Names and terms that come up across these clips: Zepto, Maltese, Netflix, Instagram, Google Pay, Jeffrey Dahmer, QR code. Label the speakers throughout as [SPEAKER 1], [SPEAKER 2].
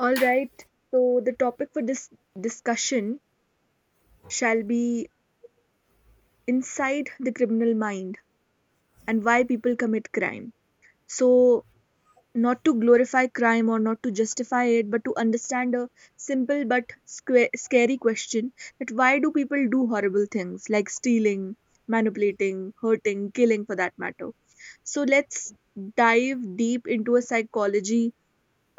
[SPEAKER 1] All right, so the topic for this discussion shall be inside the criminal mind and why people commit crime. So, not to glorify crime or not to justify it, but to understand a simple but scary question that why do people do horrible things like stealing, manipulating, hurting, killing for that matter? So, let's dive deep into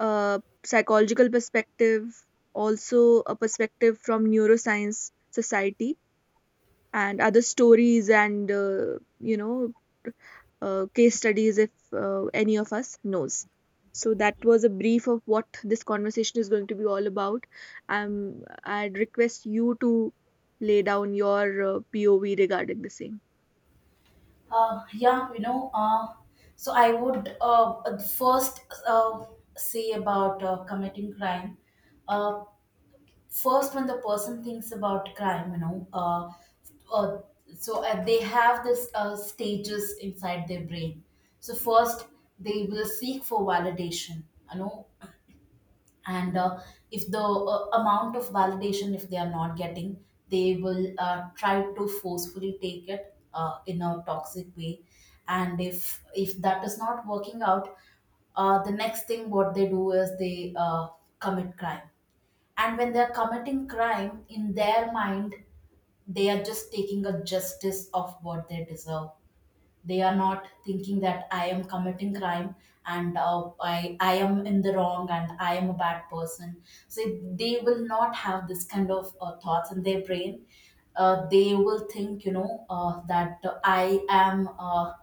[SPEAKER 1] A psychological perspective, also a perspective from neuroscience society and other stories and case studies if any of us knows. So that was a brief of what this conversation is going to be all about. I'd request you to lay down your POV regarding the same.
[SPEAKER 2] Uh, yeah, you know, uh, so I would first uh, say about committing crime. Uh, first, when the person thinks about crime, uh, they have this stages inside their brain. So first, they will seek for validation. You know, and If the amount of validation if they are not getting, they will try to forcefully take it in a toxic way, and if that is not working out, the next thing what they do is they commit crime. And when they're committing crime in their mind, they are just taking a justice of what they deserve. They are not thinking that I am committing crime and I am in the wrong and I am a bad person. So they will not have this kind of thoughts in their brain. They will think, that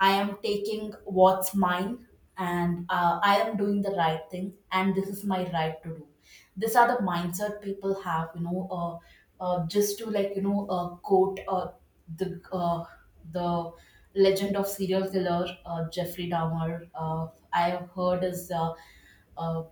[SPEAKER 2] I am taking what's mine, and I am doing the right thing and this is my right to do. These are the mindset people have, you know, just to, like, you know, quote the, uh, the legend of serial killer Jeffrey Dahmer. Uh,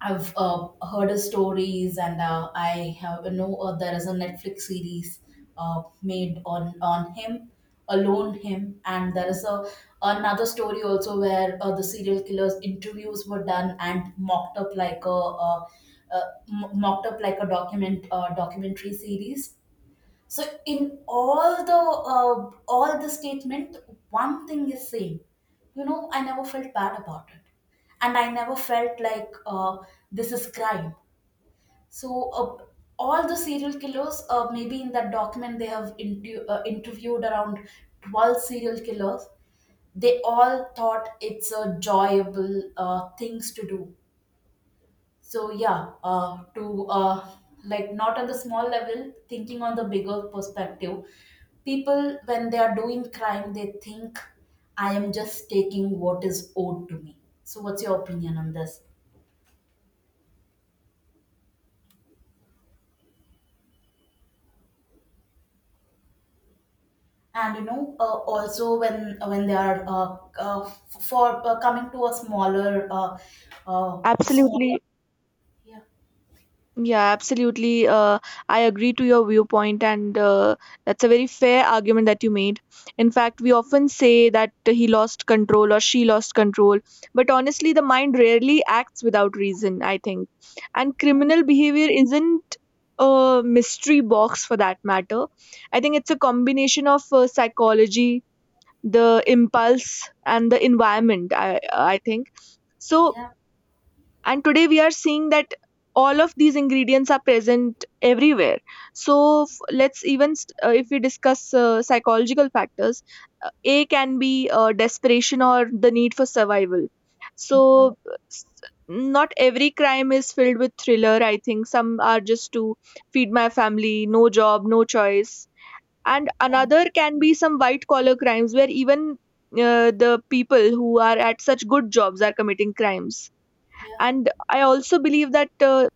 [SPEAKER 2] I've heard his stories, and I have know there is a Netflix series made on him, alone him, and there is a another story also where the serial killers interviews were done and Uh, uh, mocked up like a documentary series. So in all the statement, one thing is same. You know, I never felt bad about it, and I never felt like this is crime. So all the serial killers, maybe in that document they have interviewed around 12 serial killers. They all thought it's a joyable things to do. So yeah, to like, not on the small level, thinking on the bigger perspective, people when they are doing crime they think, I am just taking what is owed to me. So what's your opinion on this? And you know, also when they are f- for coming to a smaller uh, smaller,
[SPEAKER 1] Absolutely.
[SPEAKER 2] yeah.
[SPEAKER 1] Yeah, absolutely. I agree to your viewpoint, and that's a very fair argument that you made. In fact, we often say that he lost control or she lost control, but honestly, the mind rarely acts without reason, I think. And
[SPEAKER 2] Mm,
[SPEAKER 1] criminal behavior isn't a mystery box for that matter. I think it's a combination of psychology, the impulse, and the environment, I think. So,
[SPEAKER 2] yeah,
[SPEAKER 1] and today we are seeing that all of these ingredients are present everywhere. so if we discuss psychological factors, a can be desperation or the need for survival.
[SPEAKER 2] yeah,
[SPEAKER 1] Not every crime is filled with thriller, I think. Some are just to feed my family, no job, no choice. And
[SPEAKER 2] yeah,
[SPEAKER 1] another can be some white collar crimes where even the people who are at such good jobs are committing crimes.
[SPEAKER 2] yeah.
[SPEAKER 1] And I also believe that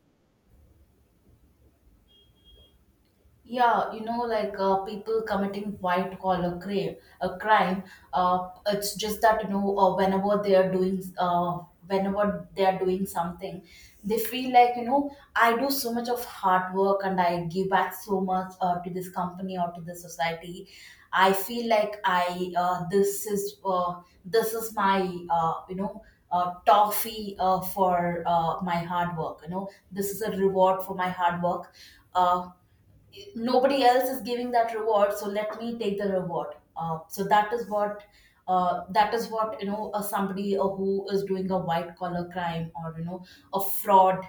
[SPEAKER 2] Yeah, you know, like, people committing white collar crime. It's just that, you know, whenever they are doing something, they feel like, you know, I do so much of hard work and I give back so much to this company or to the society. I feel like I this is my, you know. Toffee for my hard work. You know, this is a reward for my hard work. Uh, nobody else is giving that reward, so let me take the reward. So that is what, you know, somebody who is doing a white collar crime, or you know, a fraud,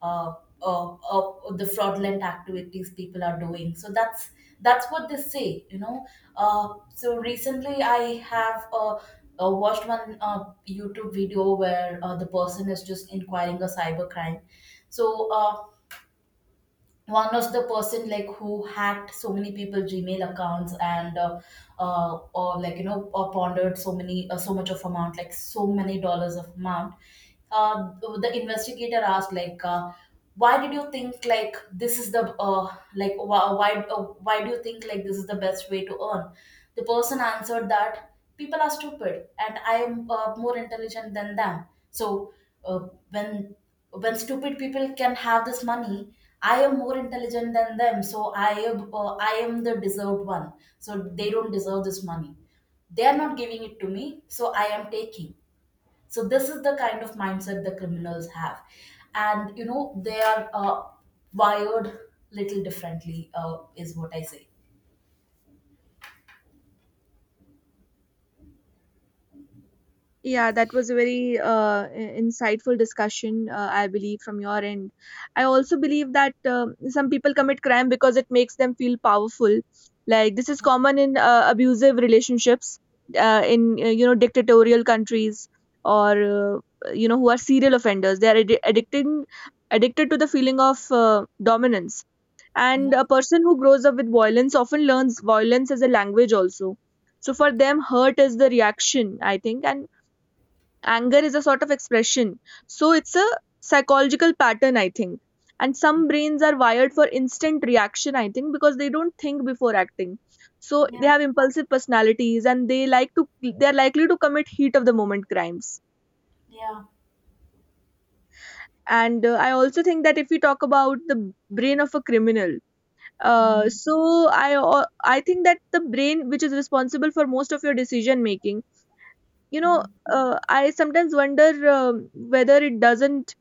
[SPEAKER 2] uh, the fraudulent activities people are doing. So that's what they say, you know. So recently I have watched one YouTube video where the person is just inquiring a cyber crime. So one of the person, like, who hacked so many people Gmail accounts and or like, you know, or pondered so many so much of amount, like so many dollars of amount. Uh, the investigator asked, like, why did you think like this is the why do you think like this is the best way to earn? The person answered that people are stupid and I am more intelligent than them. So uh, when when stupid people can have this money, I am more intelligent than them, so I am the deserved one. So they don't deserve this money, they are not giving it to me, so I am taking. So this is the kind of mindset the criminals have, and you know they are wired little differently. Is what I say.
[SPEAKER 1] yeah, that was a very insightful discussion, I believe from your end. I also believe that some people commit crime because it makes them feel powerful, like this is common in abusive relationships, in, dictatorial countries, or who are serial offenders, they are addi- addicting addicted to the feeling of dominance. And
[SPEAKER 2] Yeah,
[SPEAKER 1] a person who grows up with violence often learns violence as a language also. So for them, hurt is the reaction, I think, and anger is a sort of expression. So it's a psychological pattern, I think. And some brains are wired for instant reaction, I think, because they don't think before acting. So they
[SPEAKER 2] yeah,
[SPEAKER 1] have impulsive personalities and they are likely to commit heat of the moment crimes.
[SPEAKER 2] yeah,
[SPEAKER 1] And I also think that if we talk about the brain of a criminal, uh,
[SPEAKER 2] mm,
[SPEAKER 1] so I think that the brain which is responsible for most of your decision making, you know I sometimes wonder um whether it doesn't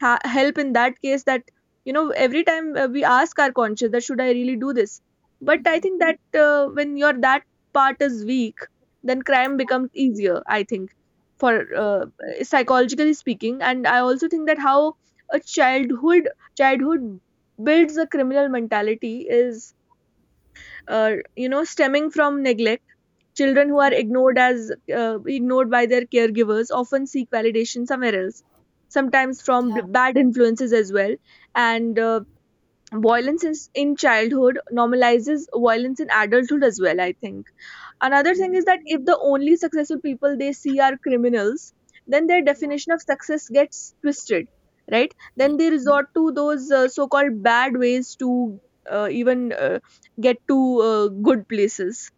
[SPEAKER 1] help in that case. That every time we ask our conscience that should I really do this, but I think that when your that part is weak, then crime becomes easier, I think. For
[SPEAKER 2] yeah,
[SPEAKER 1] uh, psychologically speaking, and I also think that how a childhood builds a criminal mentality is stemming from neglect. Children who
[SPEAKER 2] yeah,
[SPEAKER 1] are ignored as ignored by their caregivers often seek validation somewhere else, sometimes from
[SPEAKER 2] yeah.
[SPEAKER 1] bad influences as well. And Violence is in childhood normalizes violence in adulthood as well, I think. Another thing
[SPEAKER 2] Mm,
[SPEAKER 1] is that if the only successful people they see are criminals, then their definition of success gets twisted, right? Then
[SPEAKER 2] yeah.
[SPEAKER 1] they resort to those so called bad ways to even get to good places.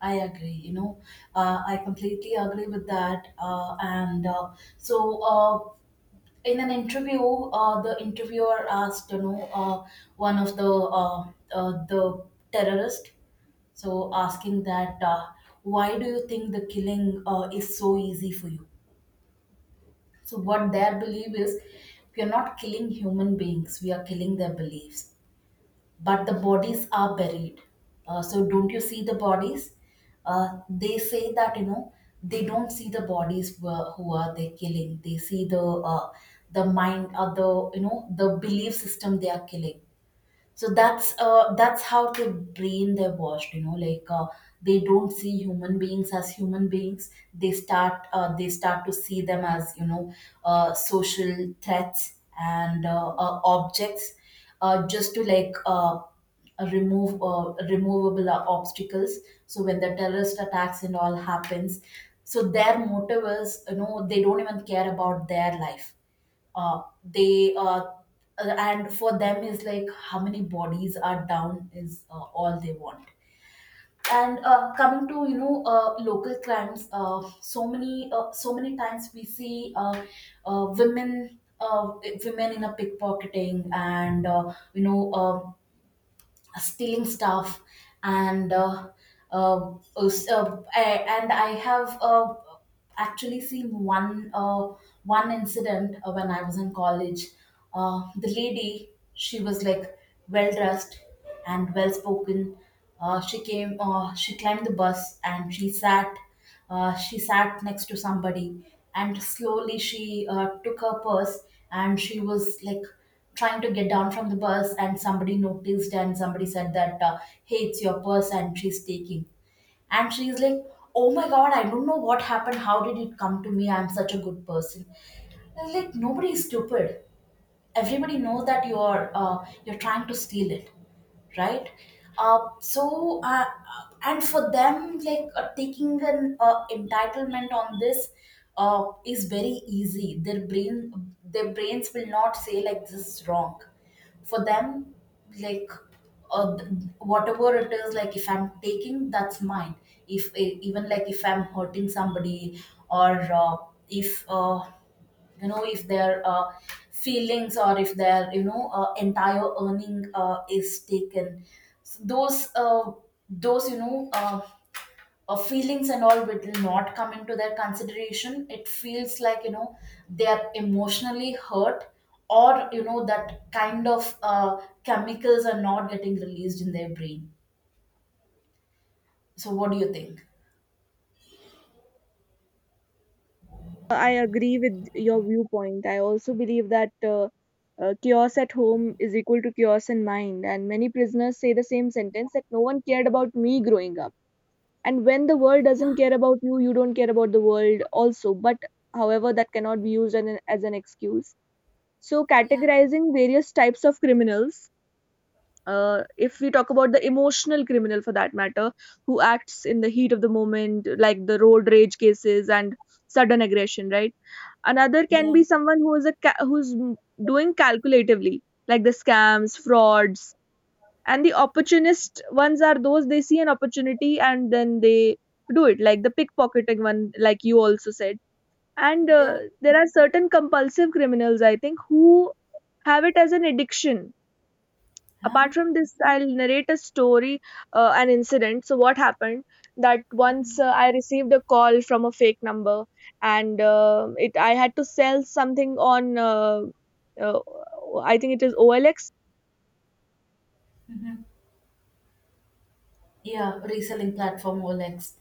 [SPEAKER 2] I agree. You know, I completely agree with that. So, uh, in an interview, the interviewer asked, you know, one of the the terrorist. So asking that, why do you think the killing is so easy for you? So what their belief is, we are not killing human beings, we are killing their beliefs. But the bodies are buried. So don't you see the bodies? They say that, you know, they don't see the bodies who are they killing. They see the the, you know, the belief system they are killing. So that's how the brain they're washed, you know, like, they don't see human beings as human beings. They start they start to see them as, you know, social threats and objects, just to, like, remove removable obstacles. So when the terrorist attacks and all happens, so their motive is, you know, they don't even care about their life. They And for them is like how many bodies are down is all they want. And coming to, you know, local crimes, so many times we see uh, women uh, women in a pickpocketing and, you know, stealing stuff, and uh, and I have actually seen one one incident when I was in college. The lady, she was like well dressed and well spoken. She climbed the bus and she sat next to somebody, and slowly she took her purse, and she was like trying to get down from the bus, and somebody noticed and somebody said that, hey, it's your purse and she's taking. And she's like, oh my god, I don't know what happened. How did it come to me? I'm such a good person. I was like, nobody is stupid. Everybody knows that you're trying to steal it, right? Uh, so uh, and for them, like, taking an entitlement on this is very easy. Their brain, their brains will not say like this is wrong. For them, like uh, th- whatever it is, like, if I'm taking, that's mine. If even like if I'm hurting somebody, or if you know, if their feelings, or if their, you know, entire earning is taken, so those those, you know, feelings and all will not come into their consideration. It feels like, you know, they are emotionally hurt, or you know, that kind of chemicals are not getting released in their brain. So what do you think?
[SPEAKER 1] I agree with your viewpoint. I also believe that chaos at home is equal to chaos in mind, and many prisoners say the same sentence that no one cared about me growing up. And when the world doesn't
[SPEAKER 2] Yeah,
[SPEAKER 1] care about you, you don't care about the world also, but however that cannot be used as as an excuse. So,
[SPEAKER 2] yeah,
[SPEAKER 1] categorizing various types of criminals, if we talk about the emotional criminal for that matter, who acts in the heat of the moment like the road rage cases and sudden aggression, right? Another can
[SPEAKER 2] yeah,
[SPEAKER 1] be someone who is a ca- who's m- doing calculatively, like the scams, frauds, and the opportunist ones are those they see an opportunity and then they do it, like the pickpocketing one like you also said. And
[SPEAKER 2] yeah,
[SPEAKER 1] There are certain compulsive criminals, I think, who have it as an addiction.
[SPEAKER 2] yeah,
[SPEAKER 1] Apart from this, I'll narrate a story, an incident. So what happened that once, I received a call from a fake number, and it I had to sell something on uh, I think it is OLX.
[SPEAKER 2] yeah, reselling platform olex.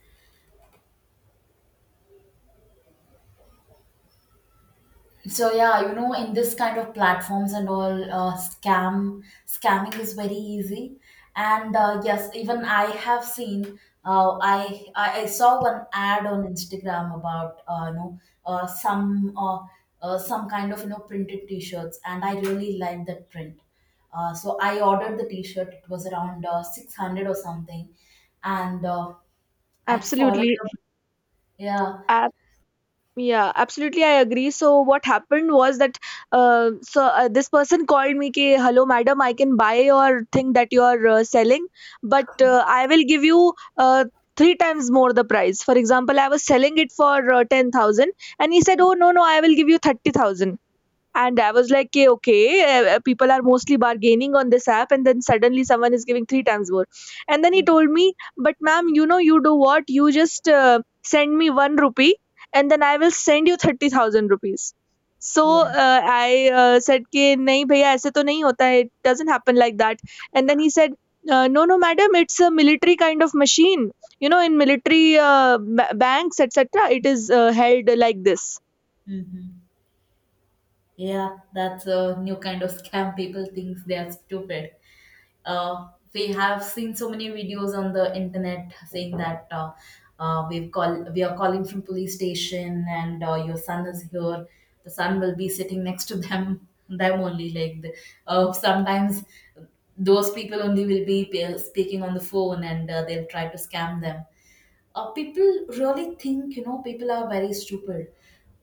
[SPEAKER 2] So yeah, you know, in this kind of platforms and all, scamming is very easy. And yes, even I have seen. I I saw one ad on Instagram about, you know, uh, some uh, some kind of, you know, printed T-shirts, and I really liked that print. So I ordered the T-shirt. It was around 600 or something, and I followed
[SPEAKER 1] Absolutely.
[SPEAKER 2] up. Yeah,
[SPEAKER 1] Yeah, absolutely. I agree. So what happened was that, this person called me, "Ki hello, madam, I can buy your thing that you are selling, but I will give you three times more the price." For example, I was selling it for 10,000, and he said, "Oh, no, no, I will give you 30,000." And I was like, "Okay, okay, people are mostly bargaining on this app, and then suddenly someone is giving three times more." And then he told me, "But ma'am, you do what? You just send me 1 rupee, and then I will send you 30,000 rupees." So,
[SPEAKER 2] yeah.
[SPEAKER 1] I said, "कि नहीं भैया ऐसे तो नहीं होता है. It doesn't happen like that." And then he said, "No, no, madam, it's a military kind of machine. You know, in military banks, etc., it is held like this."
[SPEAKER 2] Hmm. Yeah, that's a new kind of scam. People think they are stupid. We have seen so many videos on the internet saying that, we are calling from police station, and your son is here. The son will be sitting next to them. Sometimes those people only will be speaking on the phone, and they'll try to scam them. People really think, people are very stupid.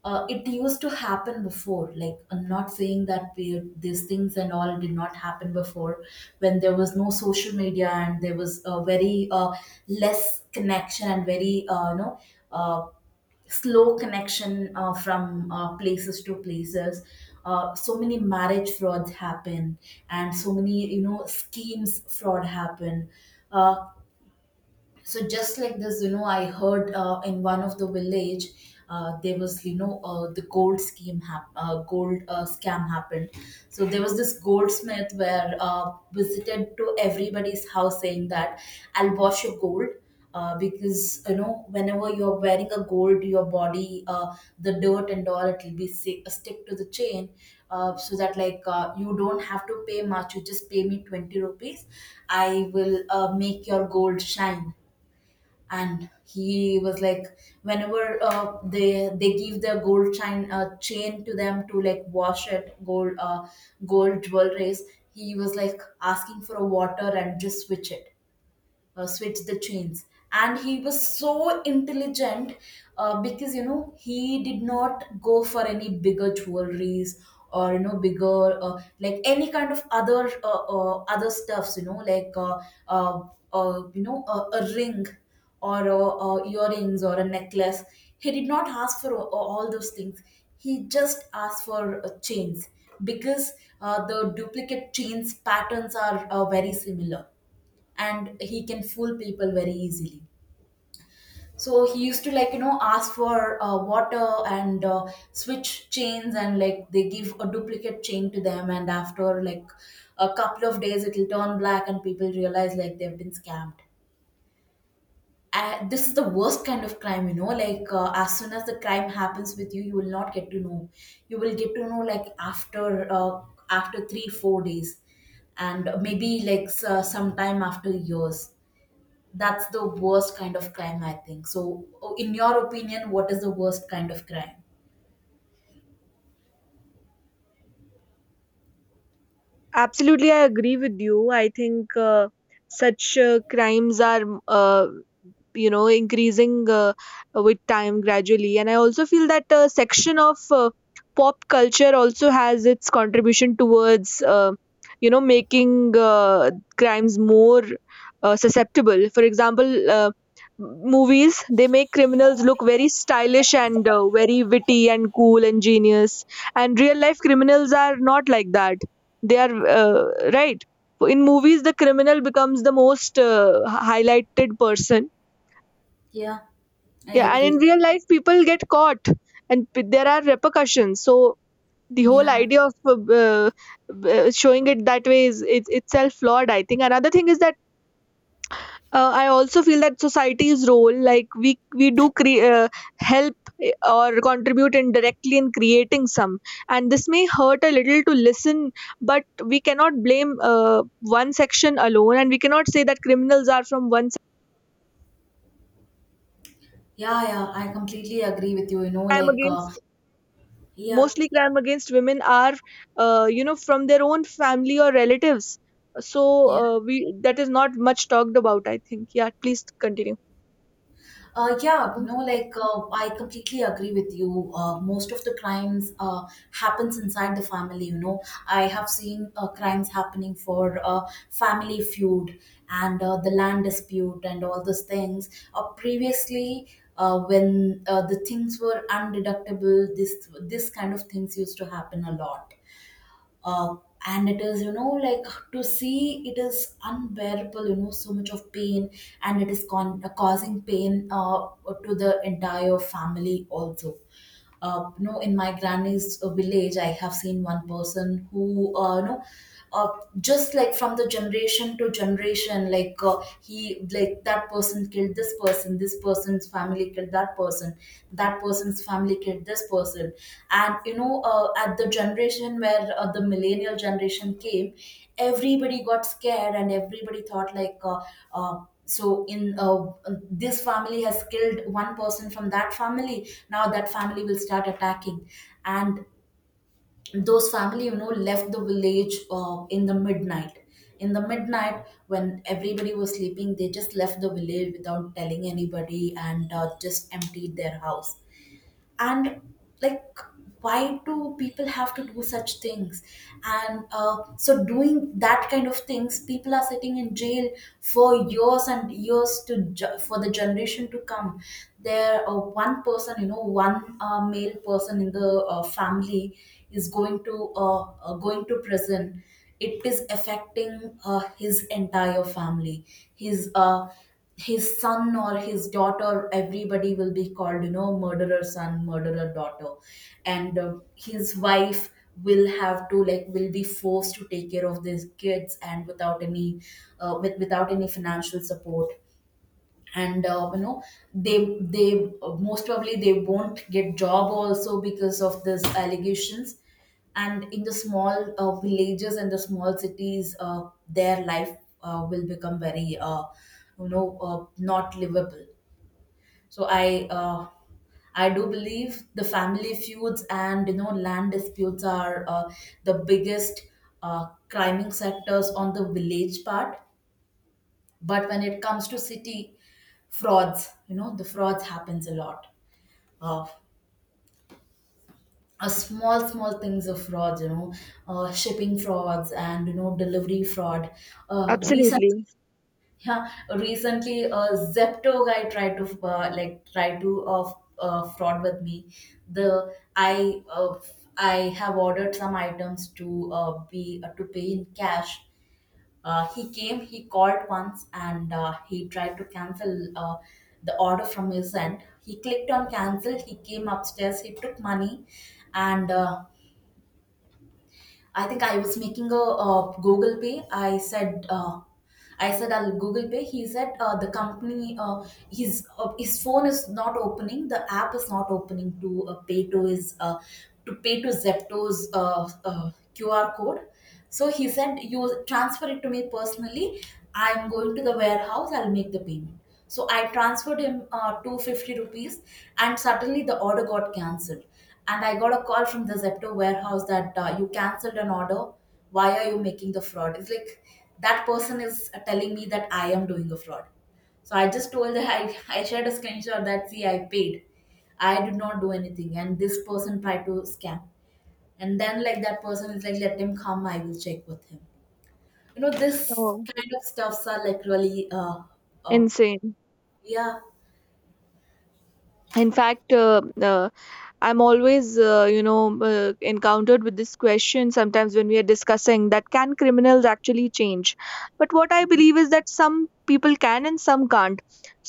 [SPEAKER 2] It used to happen before. Like, I'm not saying that we, these things and all did not happen before, when there was no social media and there was a very less connection and very uh, slow connection from places to places. So many marriage frauds happen, and so many, schemes fraud happen. Uh, so just like this, I heard in one of the village there was, the gold scheme gold scam happened. So there was this goldsmith where visited to everybody's house saying that I'll wash your gold. Because, whenever you're wearing a gold, your body, the dirt and all, it will be stick to the chain. So that like, you don't have to pay much, you just pay me 20 rupees. I will make your gold shine. And he was like, whenever they give the gold chain, to them to like wash it, gold gold jewelries, he was like asking for a water and just switch it. Switch the chains. And he was so intelligent, because, he did not go for any bigger jewelries, or, bigger like any kind of other other stuffs, like uh, a ring, or earrings or a necklace. He did not ask for all those things. He just asked for chains, because the duplicate chains patterns are very similar, and he can fool people very easily. So he used to like, ask for water and switch chains, and like they give a duplicate chain to them, and after like a couple of days it'll turn black and people realize like they've been scammed. This is the worst kind of crime, you know. Like, as soon as the crime happens with you, you will not get to know. You will get to know like after after 3 4 days, and maybe like sometime after years. That's the worst kind of crime, I think. So, in your opinion, what is the worst kind of crime?
[SPEAKER 1] Absolutely, I agree with you. I think such crimes are increasing with time gradually, and I also feel that section of pop culture also has its contribution towards making crimes more susceptible. For example, movies, they make criminals look very stylish and very witty and cool and genius, and real life criminals are not like that, they are right? In movies, the criminal becomes the most highlighted person.
[SPEAKER 2] Yeah, I
[SPEAKER 1] Yeah, and in
[SPEAKER 2] agree.
[SPEAKER 1] real life, people get caught, and there are repercussions. So the whole
[SPEAKER 2] Yeah,
[SPEAKER 1] idea of showing it that way is it's itself flawed. I think another thing is that I also feel that society's role, like we do help, or contribute indirectly in creating some, and this may hurt a little to listen, but we cannot blame one section alone, and we cannot say that criminals are from one side.
[SPEAKER 2] yeah, yeah, I completely agree with you. You know,
[SPEAKER 1] I'm
[SPEAKER 2] like,
[SPEAKER 1] against
[SPEAKER 2] yeah,
[SPEAKER 1] mostly crime against women are from their own family or relatives. So
[SPEAKER 2] yeah.
[SPEAKER 1] we that is not much talked about, I think. Yeah, please continue.
[SPEAKER 2] Yeah, no, like, I completely agree with you. Most of the crimes happens inside the family. You know, I have seen crimes happening for family feud and the land dispute and all those things. Previously, when the things were undeductible, this kind of things used to happen a lot. uh, and it is, you know, like, to see it is unbearable, you know, so much of pain. And it is causing pain to the entire family also. You know, in my granny's village, I have seen one person who, uh, just like from the generation to generation, like he like that person killed this person, this person's family killed that person, that person's family killed this person. And, at the generation where the millennial generation came, everybody got scared and everybody thought like, uh, so in this family has killed one person from that family, now that family will start attacking. And those family, left the village in the midnight. In the midnight when everybody was sleeping, they just left the village without telling anybody and just emptied their house. And like, why do people have to do such things? And so doing that kind of things, people are sitting in jail for years and years to for the generation to come. There one person, one male person in the family, is going to going to prison. It is affecting his entire family, his son or his daughter, everybody will be called, murderer son, murderer daughter. And his wife will have to like, will be forced to take care of these kids, and without any with without any financial support. And they most probably they won't get job also because of these allegations. And in the small villages and the small cities, their life will become very not livable. So I do believe the family feuds and, land disputes are the biggest climbing sectors on the village part. But when it comes to city, frauds, the frauds happens a lot of small small things of frauds, shipping frauds and, delivery fraud. Recent.
[SPEAKER 1] Absolutely.
[SPEAKER 2] Yeah, recently a Zepto guy tried to like try to fraud with me. The i uh, i have ordered some items to be to pay in cash. He came, he called once, and he tried to cancel the order from his end. He clicked on cancel, he came upstairs, he took money, and I think I was making a, Google Pay. I said I'll Google Pay. He said the company, his phone is not opening. The app is not opening to pay to his to pay to Zepto's QR code. So he said, you transfer it to me personally. I'm going to the warehouse, I'll make the payment. So I transferred him 250 rupees, and suddenly the order got cancelled. And I got a call from the Zepto warehouse that, you cancelled an order. Why are you making the fraud? It's like that person is telling me that I am doing a fraud. So I just told her, I shared a screenshot that, see, I paid. I did not do anything. And this person tried to scam, and then like, that person is like, let him come, I will check with him. You know, this
[SPEAKER 1] Oh,
[SPEAKER 2] kind of stuffs are like really uh
[SPEAKER 1] insane.
[SPEAKER 2] yeah.
[SPEAKER 1] In fact, uh, I'm always encountered with this question sometimes when we are discussing that can criminals actually change, but what I believe is that some people can and some can't.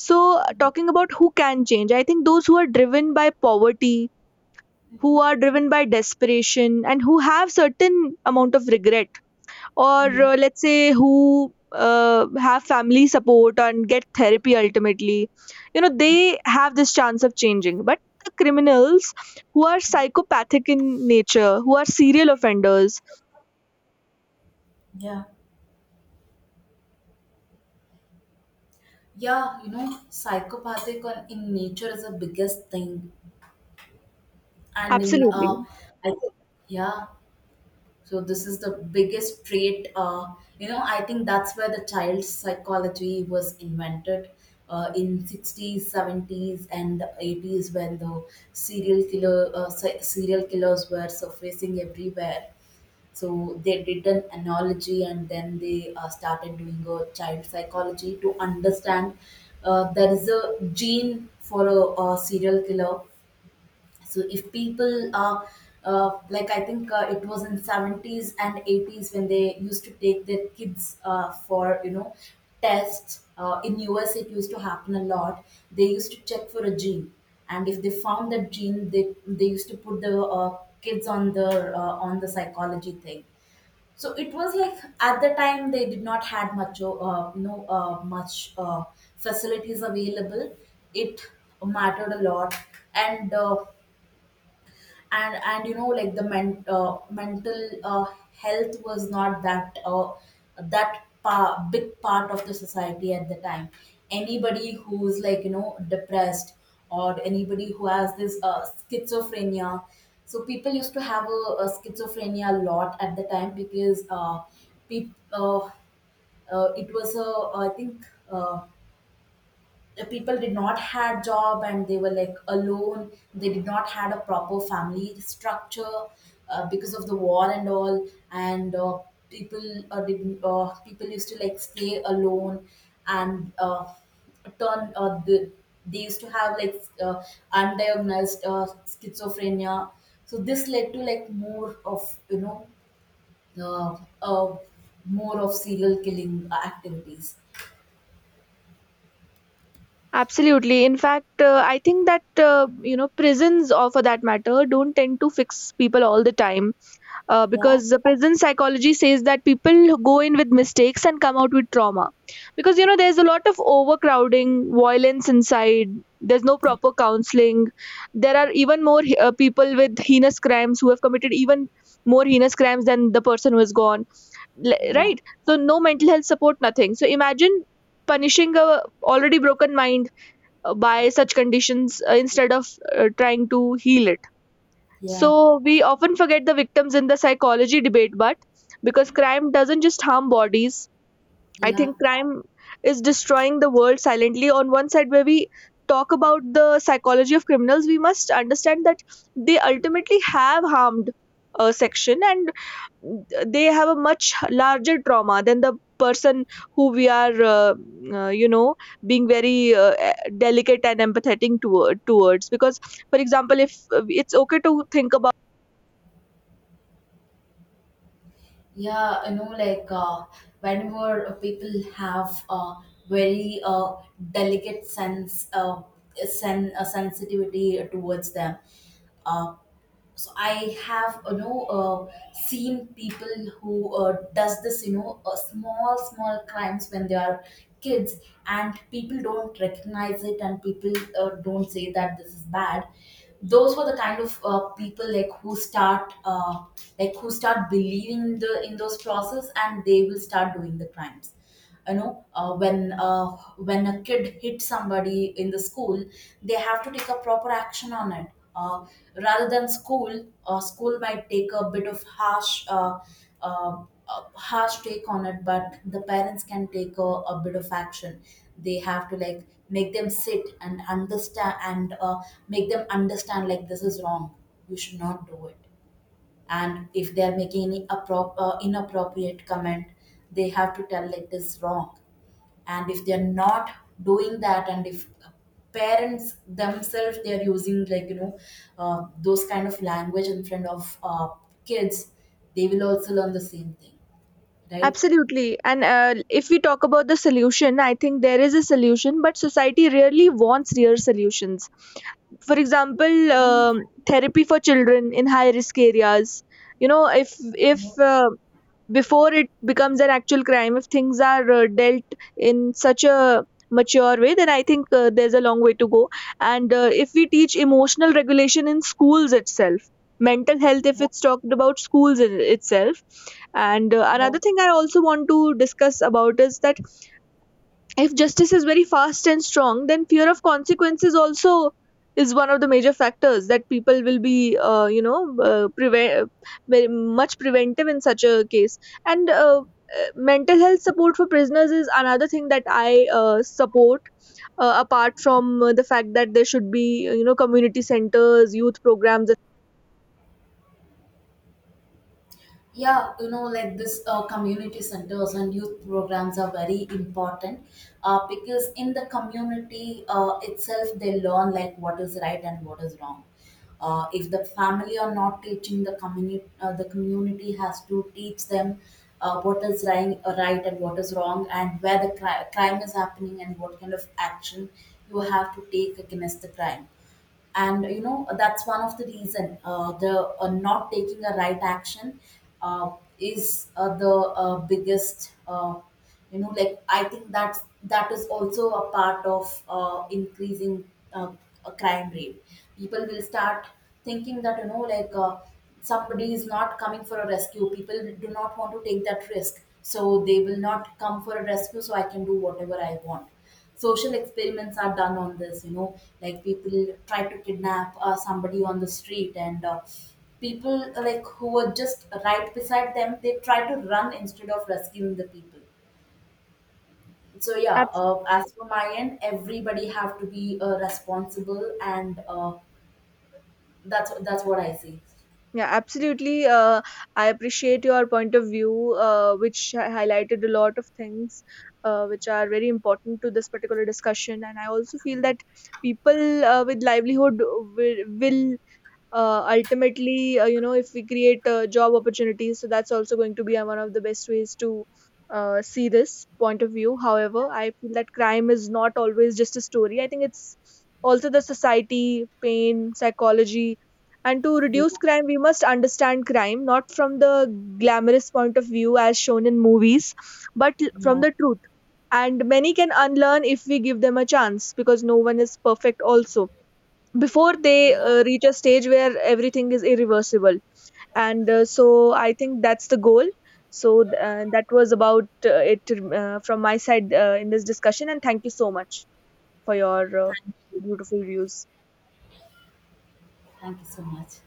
[SPEAKER 1] So, talking about who can change, I think those who are driven by poverty, who are driven by desperation, and who have certain amount of regret, or
[SPEAKER 2] Mm,
[SPEAKER 1] let's say who have family support and get therapy ultimately, they have this chance of changing. But the criminals who are psychopathic in nature, who are serial offenders.
[SPEAKER 2] yeah. Yeah, you know, psychopathic on in nature is the biggest thing, and in
[SPEAKER 1] Absolutely.
[SPEAKER 2] I think yeah. So this is the biggest trait. You know, I think that's where the child psychology was invented in 60s, 70s, and the 80s, when the serial killer serial killers were surfacing everywhere. So they did an analogy, and then they started doing a child psychology to understand there is a gene for a serial killer. So if people are like I think it was in 70s and 80s when they used to take their kids for, tests in US, it used to happen a lot. They used to check for a gene, and if they found that gene, they used to put the kids on the psychology thing. So it was like, at the time they did not had much much facilities available. It mattered a lot. And and, you know, like, the mental health was not that that big part of the society at the time. Anybody who's like, you know, depressed, or anybody who has this schizophrenia. So people used to have a schizophrenia a lot at the time, because peop it was a, I think, uh the people did not had job, and they were like alone, they did not had a proper family structure, because of the war and all. And people people used to like stay alone. And turn they used to have like uh, undiagnosed schizophrenia. So this led to like more of, uh, uh, more of serial killing activities.
[SPEAKER 1] Absolutely. In fact, I think that prisons or for that matter don't tend to fix people all the time,
[SPEAKER 2] Yeah,
[SPEAKER 1] because the prison psychology says that people go in with mistakes and come out with trauma, because there's a lot of overcrowding violence inside, there's no proper counseling, there are even more people with heinous crimes who have committed even more heinous crimes than the person who is gone,
[SPEAKER 2] yeah,
[SPEAKER 1] right? So no mental health support, nothing. So imagine punishing a already broken mind by such conditions instead of trying to heal it.
[SPEAKER 2] yeah,
[SPEAKER 1] So we often forget the victims in the psychology debate, but because crime doesn't just harm bodies, I
[SPEAKER 2] yeah.
[SPEAKER 1] think crime is destroying the world silently. On one side, where we talk about the psychology of criminals, we must understand that they ultimately have harmed a section, and they have a much larger trauma than the person who we are, uh, you know, being very delicate and empathetic towards. Because, for example, if it's okay to think about.
[SPEAKER 2] Yeah, you know, like, whenever people have a very delicate sense, sensitivity towards them, uh, so I have, seen people who does this, small small crimes when they are kids, and people don't recognize it, and people don't say that this is bad. Those were the kind of people, like who start believing the in those process, and they will start doing the crimes. You know, when a kid hits somebody in the school, they have to take a proper action on it. uh, Rather than school, school might take a bit of harsh, uh, uh, harsh take on it, but the parents can take a bit of action. They have to like make them sit and understand, and make them understand like this is wrong, you should not do it. And if they are making any inappropriate comment, they have to tell it is wrong. And if they are not doing that, and if parents themselves, they are using, like, you know, those kind of language in front of kids, they will also learn the same thing, right?
[SPEAKER 1] Absolutely. And If we talk about the solution, I think there is a solution, but society rarely wants real solutions. For example,
[SPEAKER 2] Yeah.
[SPEAKER 1] therapy for children in high risk areas. If before it becomes an actual crime, if things are dealt in such a mature way, then I think there's a long way to go. And If we teach emotional regulation in schools itself, mental health if it's talked about schools in itself. And Another thing I also want to discuss about is that if justice is very fast and strong, then fear of consequences also is one of the major factors that people will be prevent, very much preventive in such a case. And Mental health support for prisoners is another thing that I support, apart from the fact that there should be community centers, youth programs.
[SPEAKER 2] Yeah, you know, like this community centers and youth programs are very important, because in the community itself they learn like what is right and what is wrong. If the family are not teaching the community, the community has to teach them what is right and what is wrong, and where the crime is happening and what kind of action you have to take against the crime. And you know, that's one of the reason the not taking a right action uh, is the biggest. Like, I think that that is also a part of increasing a crime rate. People will start thinking that, you know, like, somebody is not coming for a rescue, people do not want to take that risk, so they will not come for a rescue, so I can do whatever I want. Social experiments are done on this, you know, like people try to kidnap somebody on the street, and people like who were just right beside them, they try to run instead of rescuing the people. So yeah, as for my end, everybody have to be responsible. And that's what I say.
[SPEAKER 1] Yeah, absolutely. I appreciate your point of view, which highlighted a lot of things which are very important to this particular discussion. And I also feel that people with livelihood, will ultimately, if we create job opportunities, so that's also going to be one of the best ways to see this point of view. However, I feel that crime is not always just a story, I think it's also the society pain psychology, and to reduce crime we must understand crime not from the glamorous point of view as shown in movies, but from
[SPEAKER 2] Yeah,
[SPEAKER 1] the truth. And many can unlearn if we give them a chance, because no one is perfect also, before they
[SPEAKER 2] yeah.
[SPEAKER 1] reach a stage where everything is irreversible. And So I think that's the goal. So that was about it, from my side in this discussion. And thank you so much for your uh,
[SPEAKER 2] Thank you.
[SPEAKER 1] beautiful views.
[SPEAKER 2] Thank you so much.